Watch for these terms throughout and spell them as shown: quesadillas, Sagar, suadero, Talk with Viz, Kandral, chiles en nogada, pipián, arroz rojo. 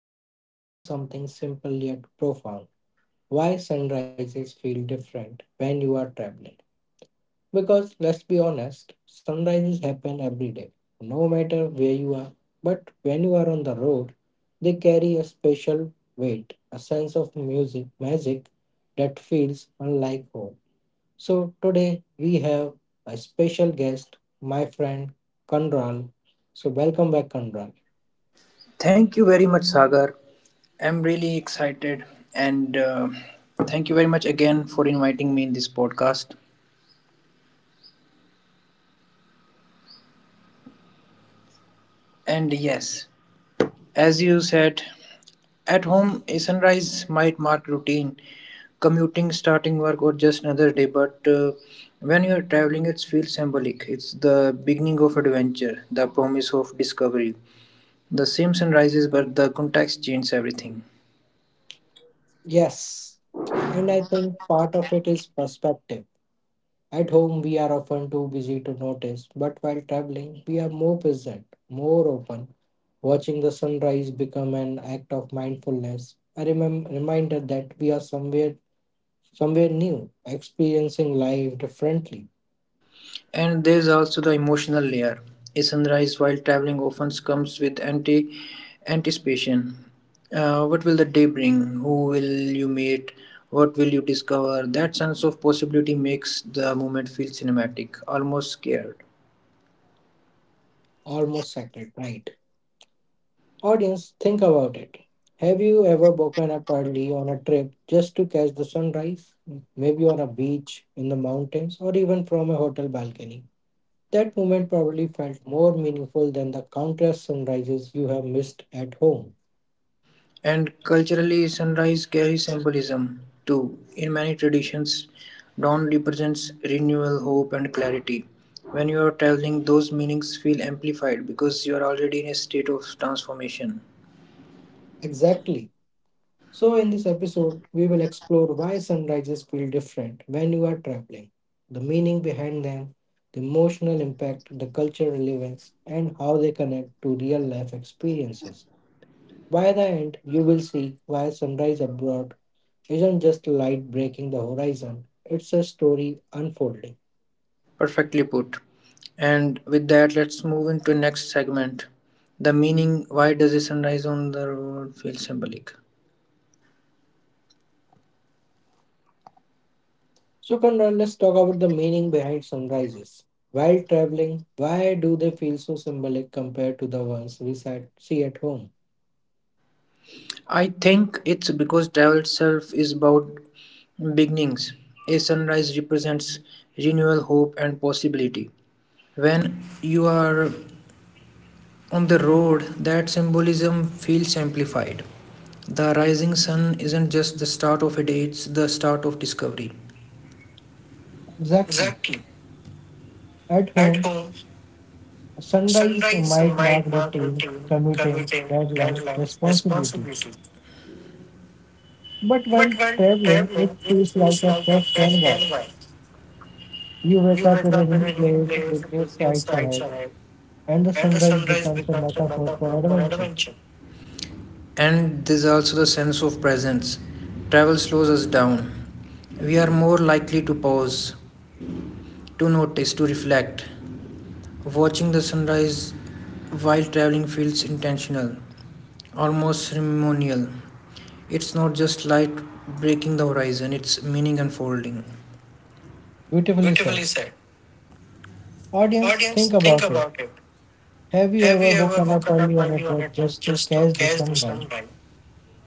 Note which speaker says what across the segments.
Speaker 1: today we are exploring something simple yet profound. Why sunrises feel different when you are traveling? Because let's be honest, sunrises happen every day, no matter where you are. But when you are on the road, they carry a special weight, a sense of music, magic that feels unlike home. So today we have a special guest, my friend Kanral. So welcome back, Kanral.
Speaker 2: Thank you very much, Sagar. I'm really excited, and thank you very much again for inviting me in this podcast. And yes, as you said, at home, a sunrise might mark routine, commuting, starting work, or just another day. But when you're traveling, it feels symbolic. It's the beginning of adventure, the promise of discovery. The same sunrises, but the context changes everything.
Speaker 1: Yes, and I think part of it is perspective. At home, we are often too busy to notice, but while traveling, we are more present, more open. Watching the sunrise become an act of mindfulness, a reminder that we are somewhere, somewhere new, experiencing life differently,
Speaker 2: And there's also the emotional layer. A sunrise while traveling often comes with anticipation. What will the day bring? Who will you meet? What will you discover? That sense of possibility makes the moment feel cinematic, almost scared.
Speaker 1: almost sacred, right? Audience, think about it. Have you ever woken up early on a trip just to catch the sunrise? Maybe on a beach, in the mountains, or even from a hotel balcony. That moment probably felt more meaningful than the countless sunrises you have missed at home.
Speaker 2: And culturally, sunrise carries symbolism too. In many traditions, dawn represents renewal, hope, and clarity. When you are traveling, those meanings feel amplified because you are already in a state of transformation.
Speaker 1: Exactly. So, in this episode, we will explore why sunrises feel different when you are traveling, the meaning behind them, the emotional impact, the cultural relevance, and how they connect to real life experiences. By the end, you will see why sunrise abroad isn't just light breaking the horizon, it's a story unfolding.
Speaker 2: Perfectly put. And with that, let's move into next segment. The meaning, why does a sunrise on the road feel symbolic?
Speaker 1: So, Conrad, let's talk about the meaning behind sunrises. While traveling, why do they feel so symbolic compared to the ones we sat, see at home?
Speaker 2: I think it's because travel itself is about beginnings. A sunrise represents renewal, hope, and possibility. When you are on the road, that symbolism feels amplified. The rising sun isn't just the start of a day, it's the start of discovery.
Speaker 1: Exactly.
Speaker 2: Exactly.
Speaker 1: At
Speaker 2: At
Speaker 1: home,
Speaker 2: home,
Speaker 1: a sunrise
Speaker 2: sunrise
Speaker 1: might mark
Speaker 2: might mark
Speaker 1: routine,
Speaker 2: routine,
Speaker 1: commuting,
Speaker 2: commuting,
Speaker 1: deadlines,
Speaker 2: deadlines,
Speaker 1: responsibility.
Speaker 2: responsibility.
Speaker 1: But
Speaker 2: But
Speaker 1: while
Speaker 2: when
Speaker 1: traveling, it
Speaker 2: traveling, it
Speaker 1: feels like
Speaker 2: feels
Speaker 1: a
Speaker 2: like a
Speaker 1: fresh
Speaker 2: fresh
Speaker 1: canvas.
Speaker 2: canvas.
Speaker 1: You wake
Speaker 2: You
Speaker 1: up
Speaker 2: wake
Speaker 1: in a
Speaker 2: up in
Speaker 1: new
Speaker 2: a new
Speaker 1: place
Speaker 2: place
Speaker 1: with new
Speaker 2: with new
Speaker 1: sights
Speaker 2: sights
Speaker 1: ahead,
Speaker 2: ahead,
Speaker 1: and the
Speaker 2: and the
Speaker 1: sunrise
Speaker 2: sunrise
Speaker 1: becomes a
Speaker 2: becomes a
Speaker 1: metaphor for
Speaker 2: metaphor for
Speaker 1: adventure.
Speaker 2: adventure. And there's also the sense of presence. Travel slows us down. We are more likely to pause, to notice, to reflect. Watching the sunrise while traveling feels intentional, almost ceremonial. It's not just light breaking the horizon, it's meaning unfolding.
Speaker 1: Beautifully
Speaker 2: Beautifully
Speaker 1: said.
Speaker 2: said.
Speaker 1: Audience,
Speaker 2: Audience,
Speaker 1: think
Speaker 2: think
Speaker 1: about it.
Speaker 2: about it.
Speaker 1: Have you
Speaker 2: Have
Speaker 1: ever
Speaker 2: you ever
Speaker 1: woken up
Speaker 2: woken up
Speaker 1: early on a
Speaker 2: early on
Speaker 1: trek
Speaker 2: a boat
Speaker 1: just to
Speaker 2: just to
Speaker 1: catch the
Speaker 2: catch the
Speaker 1: sunrise?
Speaker 2: sunlight?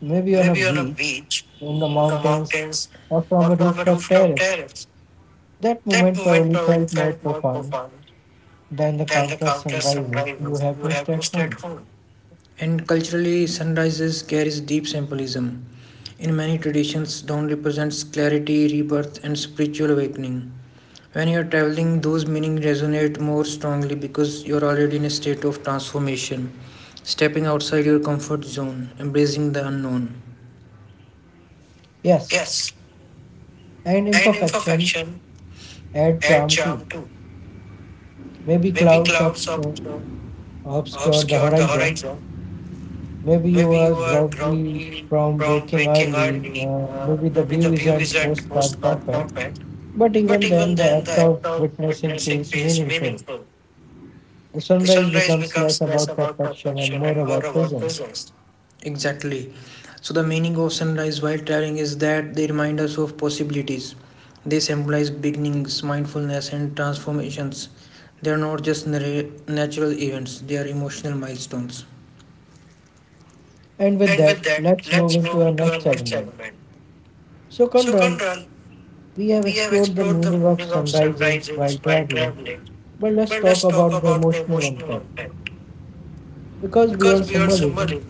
Speaker 1: Maybe on a
Speaker 2: Maybe on a
Speaker 1: beach,
Speaker 2: beach,
Speaker 1: in the
Speaker 2: in the
Speaker 1: mountains,
Speaker 2: mountains,
Speaker 1: or from
Speaker 2: or
Speaker 1: a
Speaker 2: from a
Speaker 1: rooftop
Speaker 2: rooftop
Speaker 1: terrace.
Speaker 2: terrace.
Speaker 1: That
Speaker 2: That
Speaker 1: moment
Speaker 2: moment
Speaker 1: probably
Speaker 2: probably
Speaker 1: felt more
Speaker 2: felt more
Speaker 1: profound
Speaker 2: profound
Speaker 1: than the
Speaker 2: than the
Speaker 1: countless
Speaker 2: countless
Speaker 1: sunrises you
Speaker 2: sunrises
Speaker 1: have
Speaker 2: you
Speaker 1: missed
Speaker 2: have
Speaker 1: at
Speaker 2: missed at
Speaker 1: home.
Speaker 2: home. And culturally, sunrises carries deep symbolism. In many traditions, dawn represents clarity, rebirth, and spiritual awakening. When you're traveling, those meanings resonate more strongly because you're already in a state of transformation, stepping outside your comfort zone, embracing the unknown.
Speaker 1: Yes,
Speaker 2: Yes,
Speaker 1: and
Speaker 2: and
Speaker 1: imperfection
Speaker 2: imperfection
Speaker 1: add
Speaker 2: add
Speaker 1: charm too.
Speaker 2: charm too.
Speaker 1: Maybe
Speaker 2: Maybe
Speaker 1: clouds
Speaker 2: clouds
Speaker 1: obscure the
Speaker 2: obscure the
Speaker 1: horizon.
Speaker 2: horizon.
Speaker 1: Maybe you
Speaker 2: Maybe you
Speaker 1: are
Speaker 2: are
Speaker 1: groggy
Speaker 2: groggy
Speaker 1: from
Speaker 2: from
Speaker 1: waking
Speaker 2: waking
Speaker 1: early.
Speaker 2: early. Uh,
Speaker 1: Maybe the
Speaker 2: maybe the
Speaker 1: view
Speaker 2: view
Speaker 1: isn't
Speaker 2: isn't
Speaker 1: postcard
Speaker 2: most part
Speaker 1: perfect.
Speaker 2: perfect.
Speaker 1: But even
Speaker 2: But
Speaker 1: then,
Speaker 2: even
Speaker 1: the
Speaker 2: then, the
Speaker 1: act of
Speaker 2: act of
Speaker 1: witnessing
Speaker 2: witnessing
Speaker 1: feels
Speaker 2: feels
Speaker 1: meaningful.
Speaker 2: meaningful.
Speaker 1: The
Speaker 2: The
Speaker 1: sunrise
Speaker 2: sunrise
Speaker 1: becomes less
Speaker 2: becomes less
Speaker 1: about
Speaker 2: about
Speaker 1: perfection and
Speaker 2: perfection
Speaker 1: more
Speaker 2: and more
Speaker 1: about
Speaker 2: about
Speaker 1: presence.
Speaker 2: presence. Exactly. So, the meaning of sunrise while traveling is that they remind us of possibilities. They symbolize beginnings, mindfulness, and transformations. They are not just natural events, they are emotional milestones.
Speaker 1: And with
Speaker 2: And
Speaker 1: that,
Speaker 2: with that,
Speaker 1: let's move
Speaker 2: let's
Speaker 1: into
Speaker 2: move
Speaker 1: our
Speaker 2: into
Speaker 1: next
Speaker 2: our next
Speaker 1: segment.
Speaker 2: segment.
Speaker 1: So,
Speaker 2: So,
Speaker 1: Kondran,
Speaker 2: Conrad,
Speaker 1: we have
Speaker 2: we have
Speaker 1: explored the
Speaker 2: explored the
Speaker 1: meaning of
Speaker 2: meaning of
Speaker 1: sunrises while
Speaker 2: sunrises while
Speaker 1: traveling,
Speaker 2: traveling,
Speaker 1: but let's
Speaker 2: but
Speaker 1: talk
Speaker 2: let's talk
Speaker 1: about the
Speaker 2: about the
Speaker 1: emotional
Speaker 2: emotional
Speaker 1: impact.
Speaker 2: impact.
Speaker 1: Because
Speaker 2: Because
Speaker 1: beyond
Speaker 2: beyond
Speaker 1: symbolism,
Speaker 2: symbolism,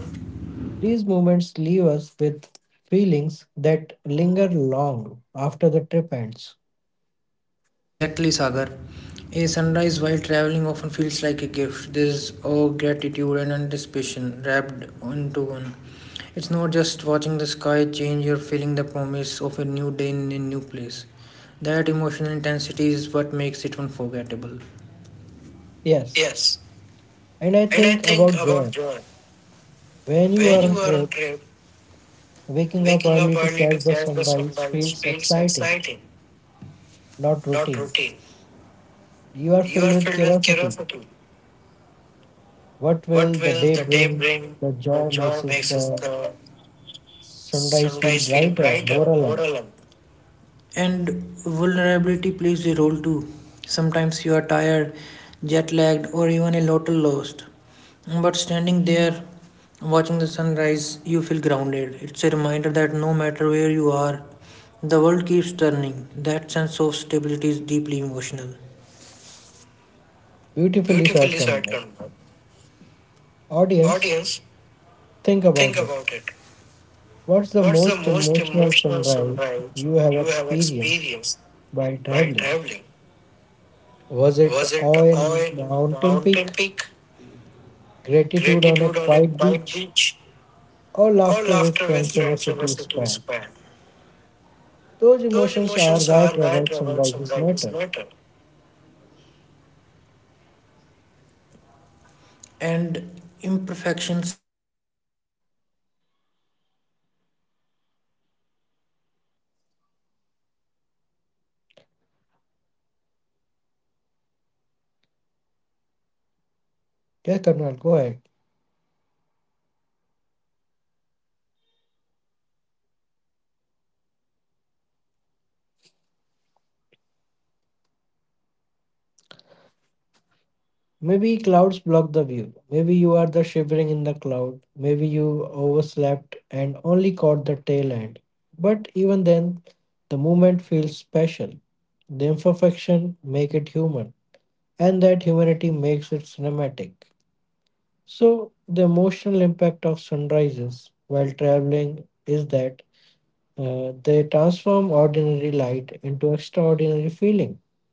Speaker 1: these moments leave us with feelings that linger long after the trip ends.
Speaker 2: exactly, Sagar. A sunrise while traveling often feels like a gift. There's awe, gratitude, and anticipation wrapped into one. It's not just watching the sky change or feeling the promise of a new day in a new place. That emotional intensity is what makes it unforgettable.
Speaker 1: Yes,
Speaker 2: Yes,
Speaker 1: and I
Speaker 2: and I
Speaker 1: think
Speaker 2: think
Speaker 1: about joy.
Speaker 2: about joy.
Speaker 1: When you are
Speaker 2: When
Speaker 1: on
Speaker 2: you are on
Speaker 1: trip,
Speaker 2: trip,
Speaker 1: waking up
Speaker 2: waking up
Speaker 1: early to
Speaker 2: early
Speaker 1: catch
Speaker 2: to
Speaker 1: the
Speaker 2: catch the
Speaker 1: sunrise
Speaker 2: sunrise
Speaker 1: feels
Speaker 2: feels
Speaker 1: exciting,
Speaker 2: exciting,
Speaker 1: not
Speaker 2: not
Speaker 1: routine.
Speaker 2: routine.
Speaker 1: You are
Speaker 2: You
Speaker 1: filled
Speaker 2: are
Speaker 1: with
Speaker 2: filled with
Speaker 1: curiosity.
Speaker 2: curiosity.
Speaker 1: What will
Speaker 2: What
Speaker 1: the
Speaker 2: will
Speaker 1: day
Speaker 2: the day
Speaker 1: bring?
Speaker 2: bring?
Speaker 1: The
Speaker 2: The
Speaker 1: joy makes
Speaker 2: joy
Speaker 1: us
Speaker 2: makes us
Speaker 1: the
Speaker 2: the
Speaker 1: sunrise feel
Speaker 2: sometimes feel
Speaker 1: brighter, more
Speaker 2: brighter, more
Speaker 1: alive.
Speaker 2: alive. And vulnerability plays a role too. Sometimes you are tired, jet lagged, or even a little lost. But standing there, watching the sunrise, you feel grounded. It's a reminder that no matter where you are, the world keeps turning. That sense of stability is deeply emotional.
Speaker 1: Beautifully
Speaker 2: Beautifully
Speaker 1: said,
Speaker 2: said,
Speaker 1: Kanwar.
Speaker 2: Kanban.
Speaker 1: Audience,
Speaker 2: Audience,
Speaker 1: think
Speaker 2: think
Speaker 1: about it.
Speaker 2: about it.
Speaker 1: What's the
Speaker 2: What's the
Speaker 1: most
Speaker 2: most
Speaker 1: emotional
Speaker 2: emotional
Speaker 1: sunrise
Speaker 2: sunrise
Speaker 1: you have
Speaker 2: you have
Speaker 1: experienced
Speaker 2: experienced
Speaker 1: while
Speaker 2: while
Speaker 1: traveling?
Speaker 2: traveling?
Speaker 1: Was it
Speaker 2: Was it
Speaker 1: awe
Speaker 2: awe
Speaker 1: in
Speaker 2: in
Speaker 1: mountain
Speaker 2: mountain
Speaker 1: peak,
Speaker 2: peak,
Speaker 1: gratitude on a
Speaker 2: gratitude on a
Speaker 1: quiet
Speaker 2: quiet
Speaker 1: beach,
Speaker 2: beach,
Speaker 1: or
Speaker 2: or
Speaker 1: laughter
Speaker 2: laughter
Speaker 1: with
Speaker 2: with
Speaker 1: friends in a
Speaker 2: friends in a
Speaker 1: city
Speaker 2: city
Speaker 1: square?
Speaker 2: square?
Speaker 1: Those
Speaker 2: Those
Speaker 1: emotions are
Speaker 2: emotions
Speaker 1: why
Speaker 2: are why
Speaker 1: travel
Speaker 2: travel
Speaker 1: sunrises
Speaker 2: summarizes
Speaker 1: matter.
Speaker 2: matter. And imperfections add charm. Maybe cloud blocks the view. Maybe you are shivering in the cold. Maybe you overslept and only caught the tail end. But even then, the moment feels special.
Speaker 1: Yeah,
Speaker 2: Yeah,
Speaker 1: Karnal, go
Speaker 2: Karnal,
Speaker 1: ahead.
Speaker 2: go ahead. Yeah, the imperfections make it human, and that humanity makes it cinematic.
Speaker 1: Maybe
Speaker 2: So, maybe
Speaker 1: clouds
Speaker 2: clouds
Speaker 1: block the
Speaker 2: block the
Speaker 1: view.
Speaker 2: view.
Speaker 1: Maybe you
Speaker 2: Maybe
Speaker 1: are
Speaker 2: you
Speaker 1: the
Speaker 2: are the
Speaker 1: shivering in the
Speaker 2: shivering in the
Speaker 1: cloud.
Speaker 2: cloud.
Speaker 1: Maybe
Speaker 2: Maybe
Speaker 1: you
Speaker 2: you
Speaker 1: overslept
Speaker 2: overslept
Speaker 1: and
Speaker 2: and
Speaker 1: only caught
Speaker 2: only
Speaker 1: the
Speaker 2: caught the
Speaker 1: tail end.
Speaker 2: tail end.
Speaker 1: But
Speaker 2: But
Speaker 1: even
Speaker 2: even
Speaker 1: then,
Speaker 2: then,
Speaker 1: the
Speaker 2: the
Speaker 1: moment
Speaker 2: moment
Speaker 1: feels
Speaker 2: feels
Speaker 1: special.
Speaker 2: special.
Speaker 1: The
Speaker 2: They
Speaker 1: imperfection make it
Speaker 2: make it
Speaker 1: human,
Speaker 2: human.
Speaker 1: and that
Speaker 2: That
Speaker 1: humanity
Speaker 2: humanity
Speaker 1: makes it
Speaker 2: makes it
Speaker 1: cinematic.
Speaker 2: cinematic.
Speaker 1: So, the
Speaker 2: So, the
Speaker 1: emotional
Speaker 2: emotional
Speaker 1: impact of
Speaker 2: impact of
Speaker 1: sunrises
Speaker 2: sunrises
Speaker 1: while
Speaker 2: while
Speaker 1: traveling
Speaker 2: traveling
Speaker 1: is
Speaker 2: is
Speaker 1: that
Speaker 2: that
Speaker 1: they
Speaker 2: uh, they
Speaker 1: transform
Speaker 2: transform
Speaker 1: ordinary
Speaker 2: ordinary
Speaker 1: light
Speaker 2: light
Speaker 1: into
Speaker 2: into
Speaker 1: extraordinary
Speaker 2: extraordinary
Speaker 1: feeling.
Speaker 2: feeling.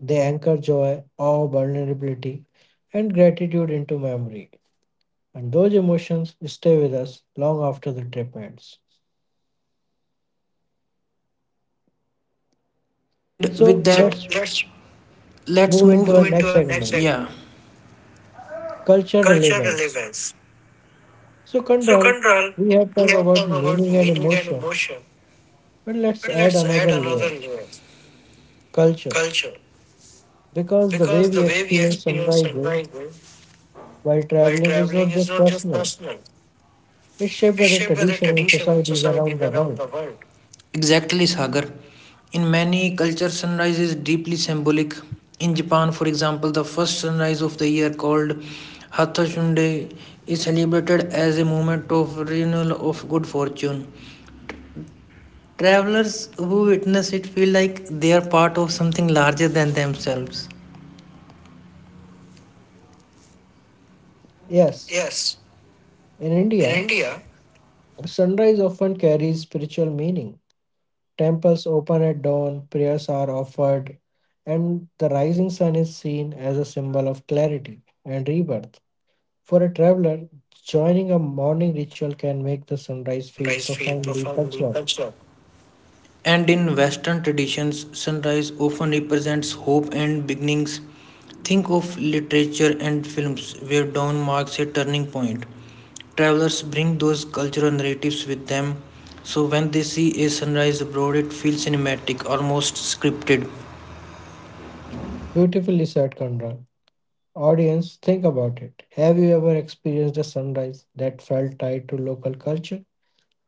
Speaker 1: They anchor
Speaker 2: Anchor
Speaker 1: joy,
Speaker 2: joy,
Speaker 1: awe,
Speaker 2: awe,
Speaker 1: vulnerability,
Speaker 2: vulnerability,
Speaker 1: and
Speaker 2: and
Speaker 1: gratitude into
Speaker 2: gratitude into
Speaker 1: memory.
Speaker 2: memory.
Speaker 1: And those
Speaker 2: And those
Speaker 1: emotions
Speaker 2: emotions
Speaker 1: stay with
Speaker 2: stay
Speaker 1: us
Speaker 2: with us
Speaker 1: long after
Speaker 2: long
Speaker 1: the
Speaker 2: after
Speaker 1: trip
Speaker 2: the trip
Speaker 1: ends.
Speaker 2: ends. Perfectly put. And with
Speaker 1: So,
Speaker 2: that,
Speaker 1: let's
Speaker 2: so let's
Speaker 1: move
Speaker 2: move,
Speaker 1: into
Speaker 2: move
Speaker 1: our
Speaker 2: in.
Speaker 1: next
Speaker 2: Into our next
Speaker 1: segment,
Speaker 2: segment. Yeah.
Speaker 1: culture
Speaker 2: Culture
Speaker 1: relevance.
Speaker 2: relevance.
Speaker 1: So,
Speaker 2: So
Speaker 1: Kandral,
Speaker 2: Kandral,
Speaker 1: we have
Speaker 2: we
Speaker 1: talked
Speaker 2: have
Speaker 1: about
Speaker 2: talked about
Speaker 1: meaning and
Speaker 2: meaning and
Speaker 1: emotion,
Speaker 2: emotion,
Speaker 1: but let's
Speaker 2: but
Speaker 1: add
Speaker 2: let's
Speaker 1: another
Speaker 2: add another
Speaker 1: layer,
Speaker 2: layer,
Speaker 1: culture.
Speaker 2: culture.
Speaker 1: Because the way
Speaker 2: Because
Speaker 1: we
Speaker 2: the way we
Speaker 1: experience
Speaker 2: experience
Speaker 1: sunrises
Speaker 2: sunrises
Speaker 1: while
Speaker 2: while
Speaker 1: traveling is not
Speaker 2: traveling is
Speaker 1: just
Speaker 2: not just
Speaker 1: personal,
Speaker 2: personal,
Speaker 1: it's shaped by
Speaker 2: is
Speaker 1: the
Speaker 2: shaped by the
Speaker 1: tradition and
Speaker 2: tradition and
Speaker 1: societies around
Speaker 2: societies
Speaker 1: the
Speaker 2: around
Speaker 1: world.
Speaker 2: the world. Exactly, Sagar. In many cultures, sunrise is deeply symbolic. In Japan, for example, the first sunrise of the year called Hathashunde is celebrated as a moment of renewal of good fortune. Travelers who witness it feel like they are part of something larger than themselves.
Speaker 1: Yes,
Speaker 2: Yes,
Speaker 1: in
Speaker 2: in
Speaker 1: India,
Speaker 2: India,
Speaker 1: sunrise often carries spiritual meaning. Temples open at dawn, prayers are offered, and the rising sun is seen as a symbol of clarity and rebirth. For a traveler, joining a morning ritual can make the
Speaker 2: make the
Speaker 1: sunrise feel
Speaker 2: sunrise feel
Speaker 1: profoundly
Speaker 2: profoundly
Speaker 1: cultural.
Speaker 2: cultural. And in Western traditions, sunrise often represents hope and beginnings. Think of literature and films where dawn marks a turning point. Travelers bring those cultural narratives with them, so when they see a sunrise abroad, it feels cinematic, almost scripted.
Speaker 1: Beautifully said, Kandra. Audience, think about it. Have you ever experienced a sunrise that felt tied to local culture?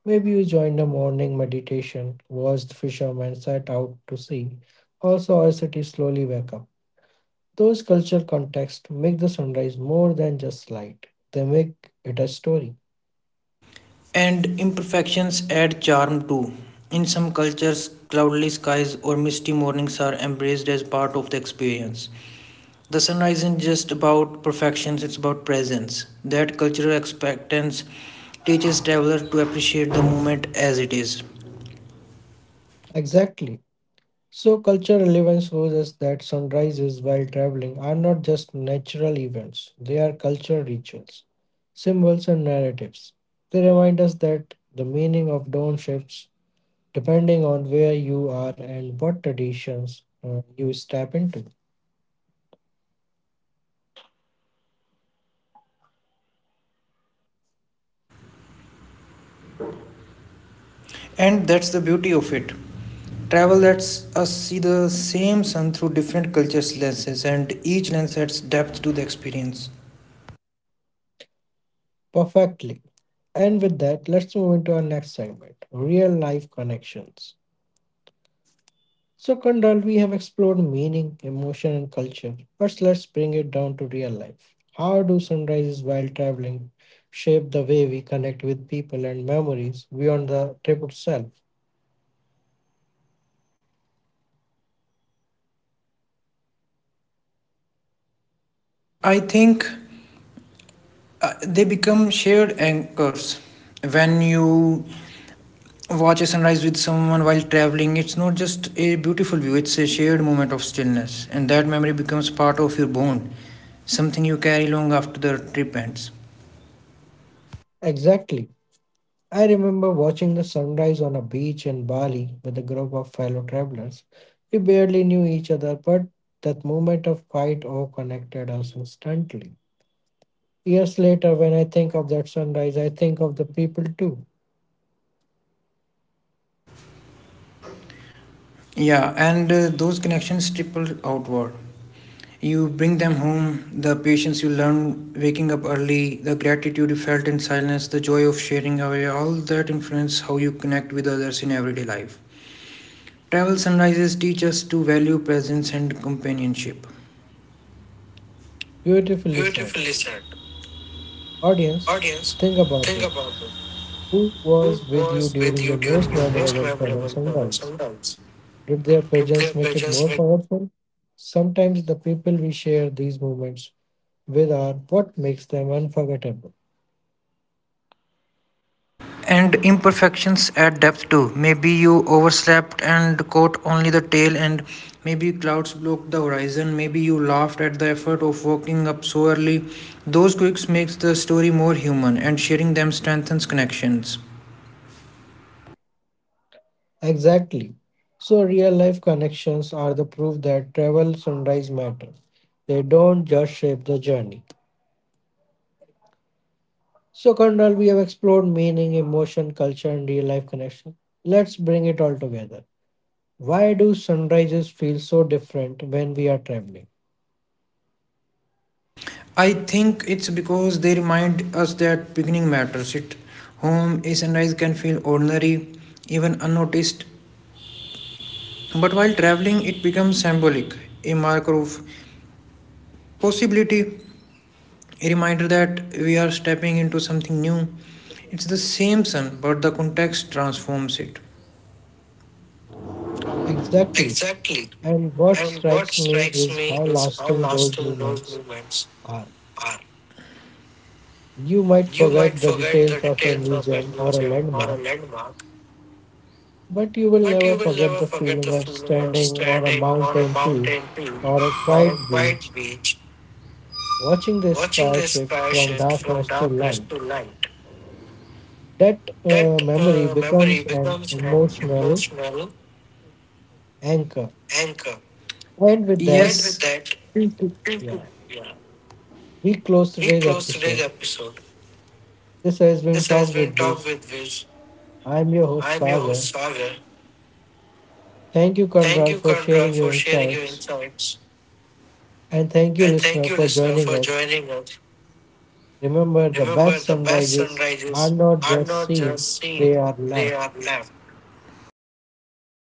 Speaker 1: Maybe you joined a morning meditation, watched fishermen set out to sea, or saw a city slowly wake up. Those cultural contexts make the sunrise more than just light, they make it a story.
Speaker 2: And imperfections add charm too. In some cultures, cloudless skies or misty mornings are embraced as part of the experience. The sunrise isn't just about perfections, it's about presence. That cultural expectance teaches travelers to appreciate the moment as it is.
Speaker 1: Exactly. So, cultural relevance shows us that sunrises while traveling are not just natural events, they are cultural rituals, symbols, and narratives. They remind us that the meaning of dawn shifts depending on where you are and what traditions you step into.
Speaker 2: And that's the beauty of it. Travel lets us see the same sun through different cultures' lenses, and each lens adds depth to the experience.
Speaker 1: Perfectly. And with that, let's move into our next segment, real life connections. So, Kundal, we have explored meaning, emotion, and culture, but let's bring it down to real life. How do sunrises while traveling shape the way we connect with people and memories beyond the trip itself?
Speaker 2: I think they become shared anchors when you watch a sunrise with someone while traveling, it's not just a beautiful view, it's a shared moment of stillness, and that memory becomes part of your bone, something you carry long after the trip ends.
Speaker 1: Exactly. I remember watching the sunrise on a beach in Bali with a group of fellow travelers. We barely knew each other, but that moment of quiet awe connected us instantly. Years later, when I think of that sunrise, I think of the people too.
Speaker 2: Yeah, and those connections triple outward. You bring them home, the patience you learn waking up early, the gratitude you felt in silence, the joy of sharing away, all that influence how you connect with others in everyday life. Travel sunrises teach us to value presence and companionship.
Speaker 1: Beautifully said.
Speaker 2: Beautifully said.
Speaker 1: Audience,
Speaker 2: Audience,
Speaker 1: think about
Speaker 2: think
Speaker 1: it.
Speaker 2: about it.
Speaker 1: Who
Speaker 2: Who
Speaker 1: was with
Speaker 2: was
Speaker 1: you
Speaker 2: with
Speaker 1: during
Speaker 2: you
Speaker 1: your
Speaker 2: during
Speaker 1: most
Speaker 2: your most
Speaker 1: memorable
Speaker 2: memorable
Speaker 1: travel
Speaker 2: travels and
Speaker 1: sunrise?
Speaker 2: rides?
Speaker 1: Did their
Speaker 2: Did their
Speaker 1: presence make it
Speaker 2: pages make
Speaker 1: more powerful? Sometimes the people we share these moments with are what makes them unforgettable.
Speaker 2: and imperfections add depth too. Maybe you overslept and caught only the tail, and maybe clouds blocked the horizon. Maybe you laughed at the effort of waking up so early. Those quirks makes the story more human, and sharing them strengthens connections.
Speaker 1: Exactly. So, real life connections are the proof that travel sunrise matter. They don't just shape the journey. So, Kandal, we have explored meaning, emotion, culture, and real life connection. Let's bring it all together. Why do sunrises feel so different when we are traveling?
Speaker 2: I think it's because they remind us that beginning matters. It home a sunrise can feel ordinary, even unnoticed. But while traveling, it becomes symbolic, a marker of possibility, a reminder that we are stepping into something new. It's the same sun, but the context transforms it.
Speaker 1: Exactly.
Speaker 2: Exactly.
Speaker 1: And what
Speaker 2: And what
Speaker 1: strikes me
Speaker 2: strikes
Speaker 1: is
Speaker 2: me
Speaker 1: how
Speaker 2: is how
Speaker 1: lasting those
Speaker 2: lasting those
Speaker 1: moments
Speaker 2: moments
Speaker 1: are.
Speaker 2: are.
Speaker 1: You might
Speaker 2: You might
Speaker 1: forget the
Speaker 2: forget the
Speaker 1: details of a
Speaker 2: details of a
Speaker 1: museum or a
Speaker 2: museum or a
Speaker 1: landmark,
Speaker 2: landmark,
Speaker 1: but you will
Speaker 2: but you
Speaker 1: never
Speaker 2: will
Speaker 1: forget
Speaker 2: never
Speaker 1: the
Speaker 2: forget the
Speaker 1: feeling of
Speaker 2: feeling of
Speaker 1: standing on a
Speaker 2: standing on a
Speaker 1: mountain peak
Speaker 2: mountain peak
Speaker 1: or a
Speaker 2: or a
Speaker 1: quiet
Speaker 2: quiet
Speaker 1: beach,
Speaker 2: beach,
Speaker 1: watching the
Speaker 2: watching
Speaker 1: sky
Speaker 2: the
Speaker 1: shift
Speaker 2: sky
Speaker 1: from
Speaker 2: shift from
Speaker 1: darkness to
Speaker 2: darkness to
Speaker 1: light.
Speaker 2: light.
Speaker 1: That
Speaker 2: That
Speaker 1: memory
Speaker 2: uh, memory
Speaker 1: becomes an
Speaker 2: becomes an
Speaker 1: emotional
Speaker 2: emotional
Speaker 1: anchor.
Speaker 2: anchor.
Speaker 1: And with that,
Speaker 2: Yes. And
Speaker 1: we could-
Speaker 2: with that,
Speaker 1: yeah.
Speaker 2: yeah,
Speaker 1: We close
Speaker 2: we
Speaker 1: today's
Speaker 2: close today's
Speaker 1: episode.
Speaker 2: episode.
Speaker 1: This has been
Speaker 2: This has
Speaker 1: Talk
Speaker 2: been
Speaker 1: with
Speaker 2: Talk
Speaker 1: Viz.
Speaker 2: with Viz.
Speaker 1: I'm your host,
Speaker 2: I'm your host,
Speaker 1: Sagar.
Speaker 2: Sagar.
Speaker 1: Thank you,
Speaker 2: Thank
Speaker 1: Conrad,
Speaker 2: you,
Speaker 1: for
Speaker 2: Kandral,
Speaker 1: sharing your
Speaker 2: for sharing your
Speaker 1: insights.
Speaker 2: insights.
Speaker 1: And thank you,
Speaker 2: And thank
Speaker 1: listener,
Speaker 2: you,
Speaker 1: for
Speaker 2: listener,
Speaker 1: joining
Speaker 2: for
Speaker 1: us.
Speaker 2: joining us.
Speaker 1: Remember, the
Speaker 2: Remember,
Speaker 1: best
Speaker 2: the best
Speaker 1: sunrises are
Speaker 2: sunrises
Speaker 1: not
Speaker 2: are
Speaker 1: just
Speaker 2: not
Speaker 1: seen,
Speaker 2: just
Speaker 1: they
Speaker 2: seen,
Speaker 1: are
Speaker 2: they
Speaker 1: left.
Speaker 2: are lived.